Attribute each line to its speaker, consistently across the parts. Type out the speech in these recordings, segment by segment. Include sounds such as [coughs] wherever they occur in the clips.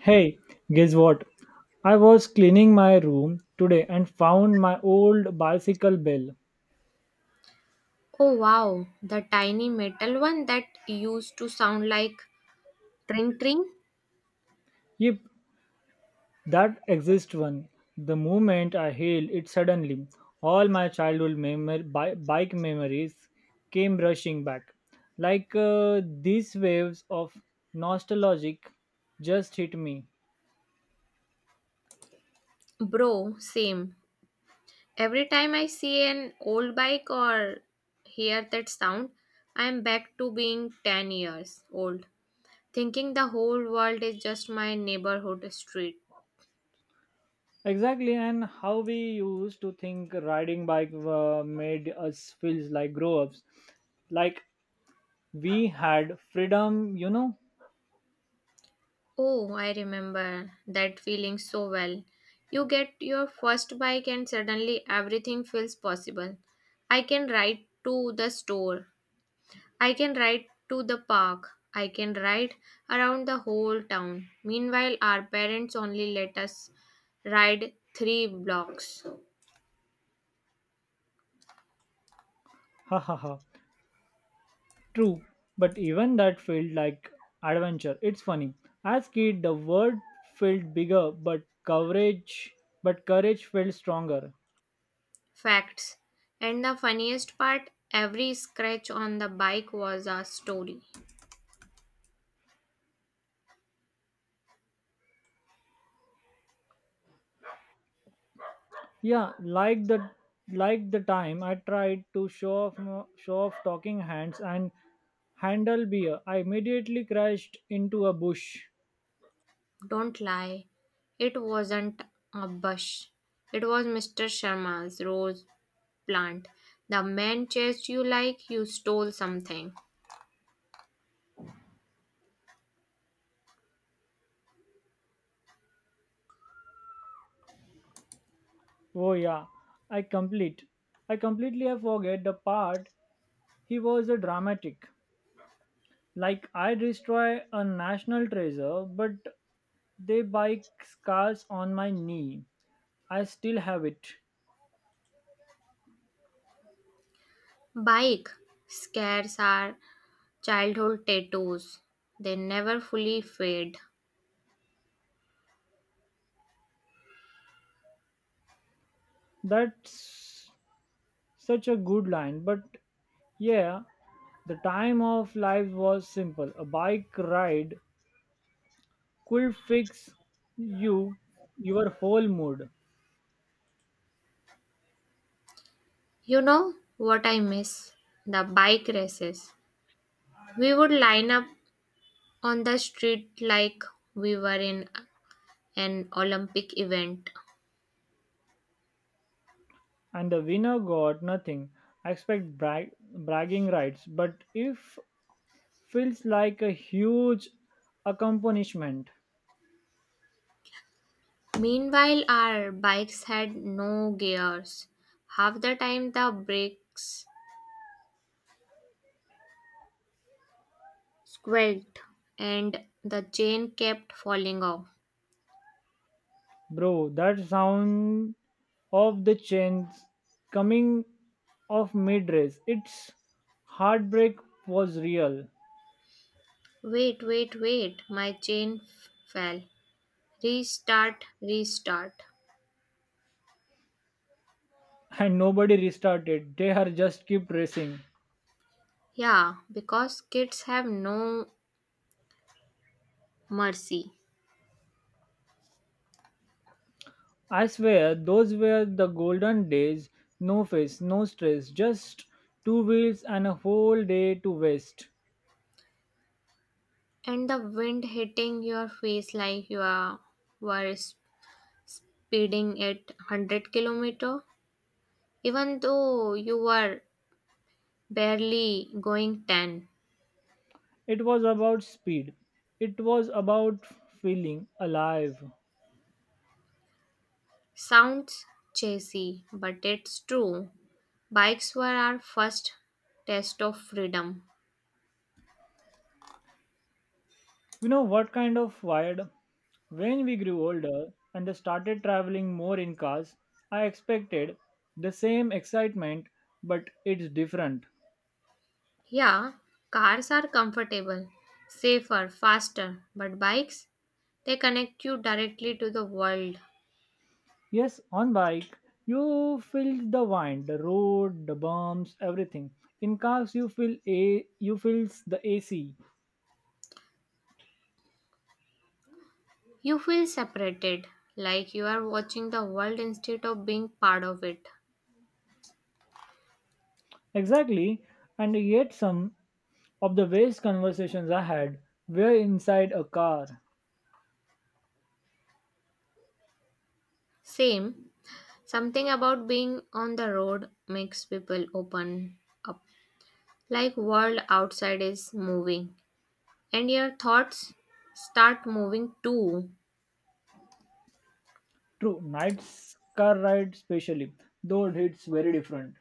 Speaker 1: Hey, guess what? I was cleaning my room today and found my old bicycle bell.
Speaker 2: Oh wow, the tiny metal one that used to sound like tring tring?
Speaker 1: Yep, that exists one. The moment I hailed it suddenly, all my childhood bike memories came rushing back. Like these waves of nostalgic just hit me.
Speaker 2: Bro, same. Every time I see an old bike or hear that sound, I am back to being 10 years old, thinking the whole world is just my neighborhood street.
Speaker 1: Exactly, and how we used to think riding bike made us feel like grown ups. Like we had freedom.
Speaker 2: Oh, I remember that feeling so well. You get your first bike and suddenly everything feels possible. I can ride to the store, I can ride to the park. I can ride around the whole town. Meanwhile, our parents only let us ride three blocks.
Speaker 1: Ha ha ha. True, but even that felt like adventure. It's funny. As kid, the word felt bigger, but courage felt stronger.
Speaker 2: Facts. And the funniest part, every scratch on the bike was a story.
Speaker 1: Yeah, like the time I tried to show off talking hands and handle beer, I immediately crashed into a bush.
Speaker 2: Don't lie. It wasn't a bush. It was Mr. Sharma's rose plant. The man chased you like you stole something.
Speaker 1: Oh yeah, I complete. I completely I forget the part he was a dramatic. Like I destroy a national treasure, but they buy scars on my knee. I still have it.
Speaker 2: Bike scares are childhood tattoos, they never fully fade.
Speaker 1: That's such a good line. But yeah, the time of life was simple. A bike ride could fix you, your whole mood,
Speaker 2: You know what I miss? The bike races. We would line up on the street like we were in an Olympic event.
Speaker 1: and the winner got nothing. I expect bragging rights, but if feels like a huge accomplishment.
Speaker 2: Meanwhile, our bikes had no gears. Half the time, the brakes squelched and the chain kept falling off.
Speaker 1: Bro, that sound of the chains coming off mid race, its heartbreak was real.
Speaker 2: Wait, wait, wait, my chain fell. Restart, restart.
Speaker 1: And nobody restarted, they are just kept racing.
Speaker 2: Yeah, because kids have no mercy.
Speaker 1: I swear, those were the golden days no face, no stress, just two wheels and a whole day to waste.
Speaker 2: And the wind hitting your face like you are were speeding at 100-kilometer even though you were barely going 10.
Speaker 1: It was about speed, it was about feeling alive.
Speaker 2: Sounds chasey, but it's true, bikes were our first test of freedom.
Speaker 1: You know what kind of wired? When we grew older and started traveling more in cars, I expected the same excitement, but it's different.
Speaker 2: Yeah, cars are comfortable, safer, faster, but bikes, they connect you directly to the world.
Speaker 1: Yes, on bike, you feel the wind, the road, the bumps, everything. In cars, you feels the AC.
Speaker 2: You feel separated, like you are watching the world instead of being part of it.
Speaker 1: Exactly, and yet some of the best conversations I had were inside a car.
Speaker 2: Same, something about being on the road makes people open up. Like, world outside is moving and your thoughts start moving too.
Speaker 1: True, night's car ride, specially, though it's very different.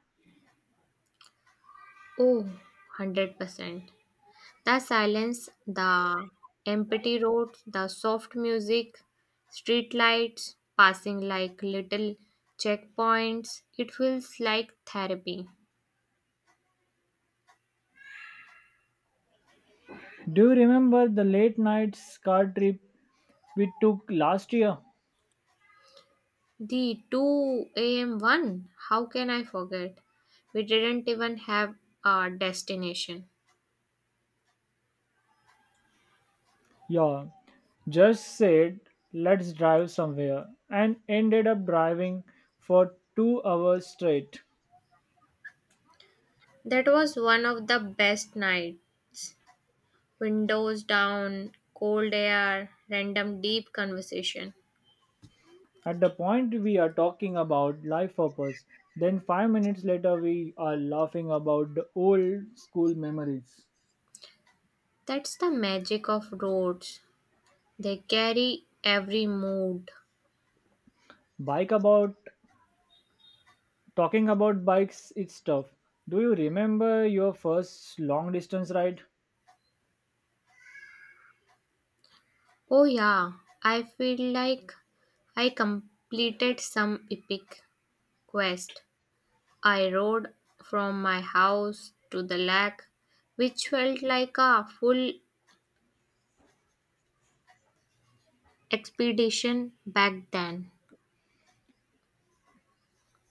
Speaker 2: Oh, 100%. The silence, the empty roads, the soft music, street lights passing like little checkpoints. It feels like therapy.
Speaker 1: Do you remember the late night car trip we took last year?
Speaker 2: The 2 a.m. one, how can I forget? We didn't even have a destination.
Speaker 1: Yeah, just said let's drive somewhere and ended up driving for 2 hours straight.
Speaker 2: That was one of the best night. Windows down, cold air, random deep conversation.
Speaker 1: At the point we are talking about life purpose, then 5 minutes later we are laughing about the old school memories.
Speaker 2: That's the magic of roads. They carry every mood.
Speaker 1: Bike about talking about bikes, it's tough. Do you remember your first long distance ride?
Speaker 2: Oh yeah, I feel like I completed some epic quest. I rode from my house to the lake, which felt like a full expedition back then.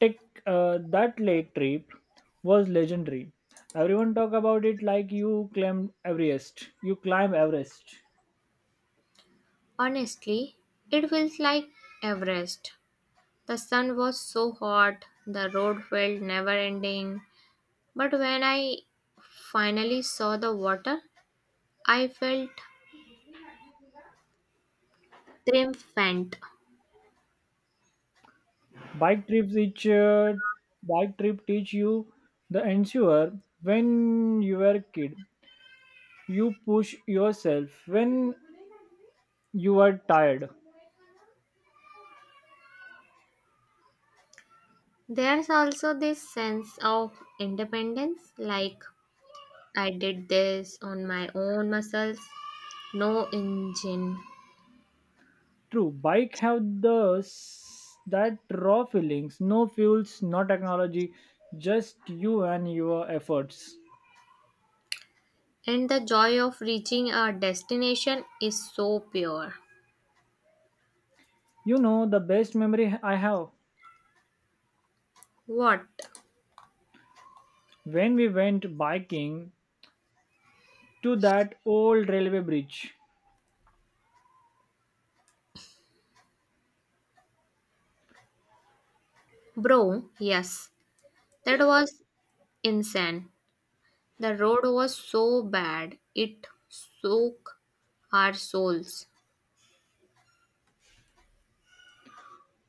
Speaker 1: Tech, that lake trip was legendary. Everyone talk about it like You climb Everest.
Speaker 2: Honestly, it felt like Everest. The sun was so hot, the road felt never ending. But when I finally saw the water, I felt triumphant.
Speaker 1: Bike trips each uh, bike trip teach you the ensure when you were kid. You push yourself when you are tired.
Speaker 2: There's also this sense of independence, like I did this on my own muscles. No engine.
Speaker 1: True, bike have that raw feelings. No fuels, no technology, just you and your efforts.
Speaker 2: And the joy of reaching a destination is so pure.
Speaker 1: You know the best memory I have
Speaker 2: What?
Speaker 1: when we went biking to that old railway bridge
Speaker 2: Bro, yes, that was insane. The road was so bad, it shook our souls.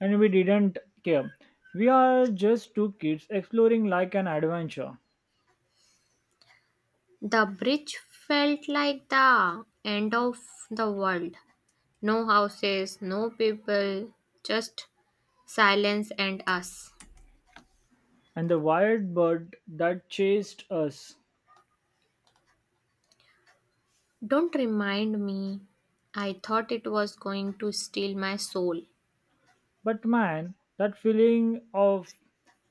Speaker 1: and we didn't care. We are just two kids exploring like an adventure
Speaker 2: The bridge felt like the end of the world. No houses, no people, just silence and us.
Speaker 1: and the wild bird that chased us.
Speaker 2: Don't remind me. I thought it was going to steal my soul.
Speaker 1: But man, that feeling of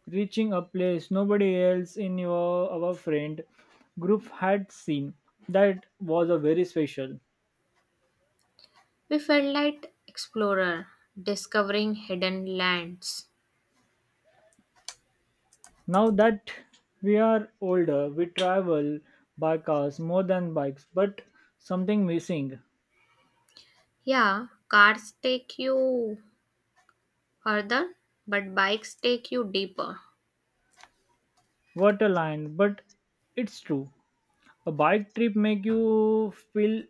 Speaker 1: reaching a place nobody else in your our friend group had seen that was a very special
Speaker 2: We felt like explorer discovering hidden lands.
Speaker 1: now that we are older we travel by cars more than bikes but something missing.
Speaker 2: Yeah, cars take you further, but bikes take you deeper.
Speaker 1: What a line, but it's true. A bike trip make you feel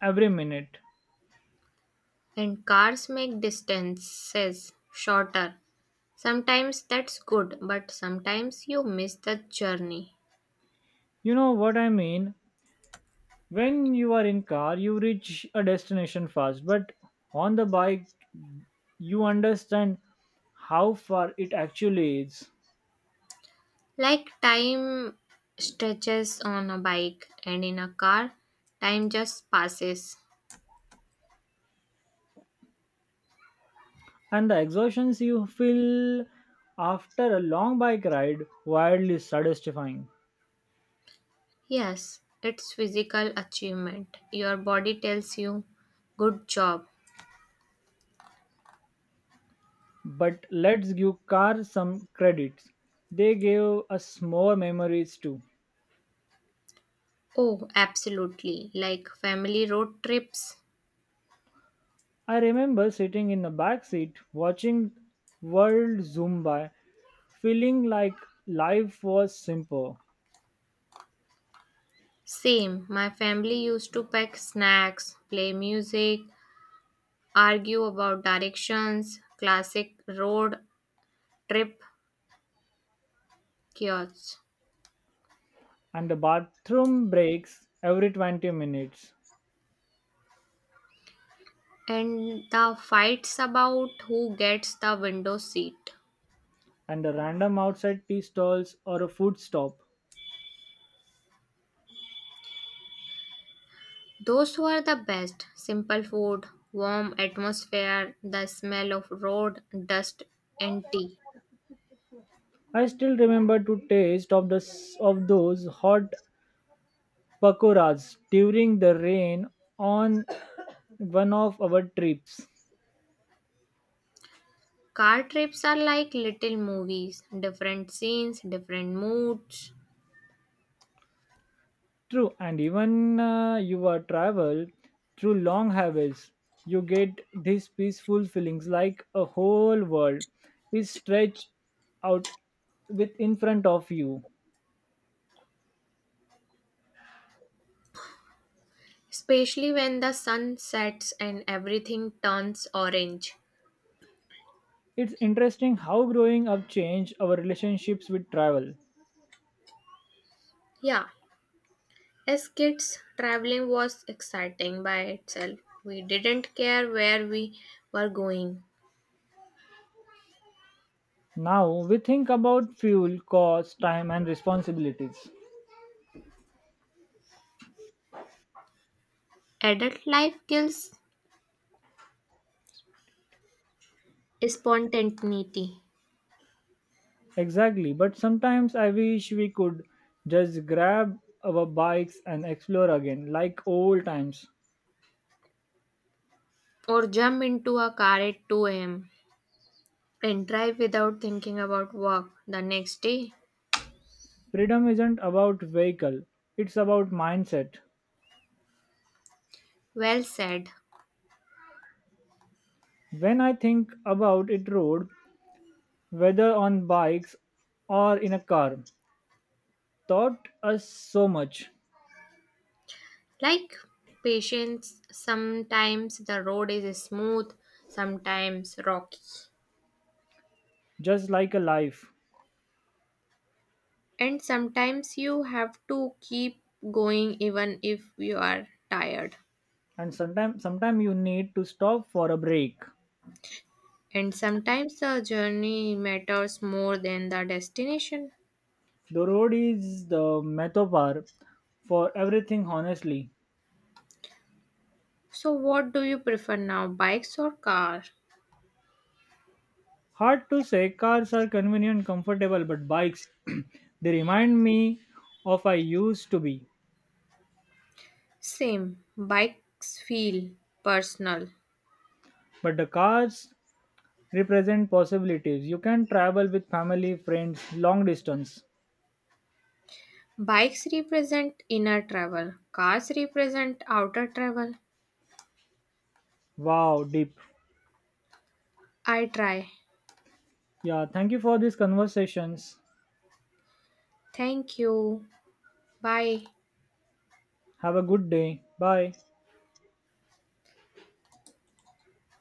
Speaker 1: every minute.
Speaker 2: And cars make distances shorter. Sometimes that's good, but sometimes you miss the journey.
Speaker 1: You know what I mean? When you are in car, you reach a destination fast, but on the bike, you understand how far it actually is.
Speaker 2: Like, time stretches on a bike, and in a car, time just passes.
Speaker 1: And the exhaustions you feel after a long bike ride wildly satisfying.
Speaker 2: Yes, it's physical achievement. Your body tells you, good job.
Speaker 1: But let's give car some credits. They gave us more memories too.
Speaker 2: Oh, absolutely. Like family road trips.
Speaker 1: I remember sitting in the back seat watching World zoom by, feeling like life was simple.
Speaker 2: Same. My family used to pack snacks, play music, argue about directions, classic road trip chaos.
Speaker 1: And the bathroom breaks every 20 minutes,
Speaker 2: And the fights about who gets the window seat.
Speaker 1: and the random outside tea stalls or a food stop.
Speaker 2: Those were the best. Simple food, warm atmosphere, the smell of road, dust, and tea.
Speaker 1: I still remember to taste of those hot pakoras during the rain on [coughs] one of our trips.
Speaker 2: Car trips are like little movies, different scenes, different moods.
Speaker 1: True, and even you are travel through long highways, you get these peaceful feelings like a whole world is stretched out with in front of you.
Speaker 2: Especially when the sun sets and everything turns orange.
Speaker 1: It's interesting how growing up changed our relationships with travel.
Speaker 2: Yeah, as kids, traveling was exciting by itself. We didn't care where we were going.
Speaker 1: Now we think about fuel, cost, time, and responsibilities.
Speaker 2: Adult life kills spontaneity.
Speaker 1: Exactly, but sometimes I wish we could just grab our bikes and explore again, like old times.
Speaker 2: Or jump into a car at 2 a.m. and drive without thinking about work the next day.
Speaker 1: Freedom isn't about vehicle, it's about mindset.
Speaker 2: Well said.
Speaker 1: When I think about it road, whether on bikes or in a car, taught us so much,
Speaker 2: Like patience, sometimes the road is smooth, sometimes rocky.
Speaker 1: just like a life.
Speaker 2: And sometimes you have to keep going even if you are tired.
Speaker 1: And sometime you need to stop for a break.
Speaker 2: And sometimes the journey matters more than the destination.
Speaker 1: The road is the metaphor for everything honestly.
Speaker 2: So, what do you prefer now, bikes or car?
Speaker 1: Hard to say cars are convenient, comfortable, but bikes [clears throat] they remind me of I used to be.
Speaker 2: Same, bikes feel personal.
Speaker 1: But the cars represent possibilities. You can travel with family, friends, long distance.
Speaker 2: Bikes represent inner travel, cars represent outer travel.
Speaker 1: Wow, deep.
Speaker 2: I try.
Speaker 1: Yeah, thank you for these conversations.
Speaker 2: Thank you. Bye.
Speaker 1: Have a good day. Bye.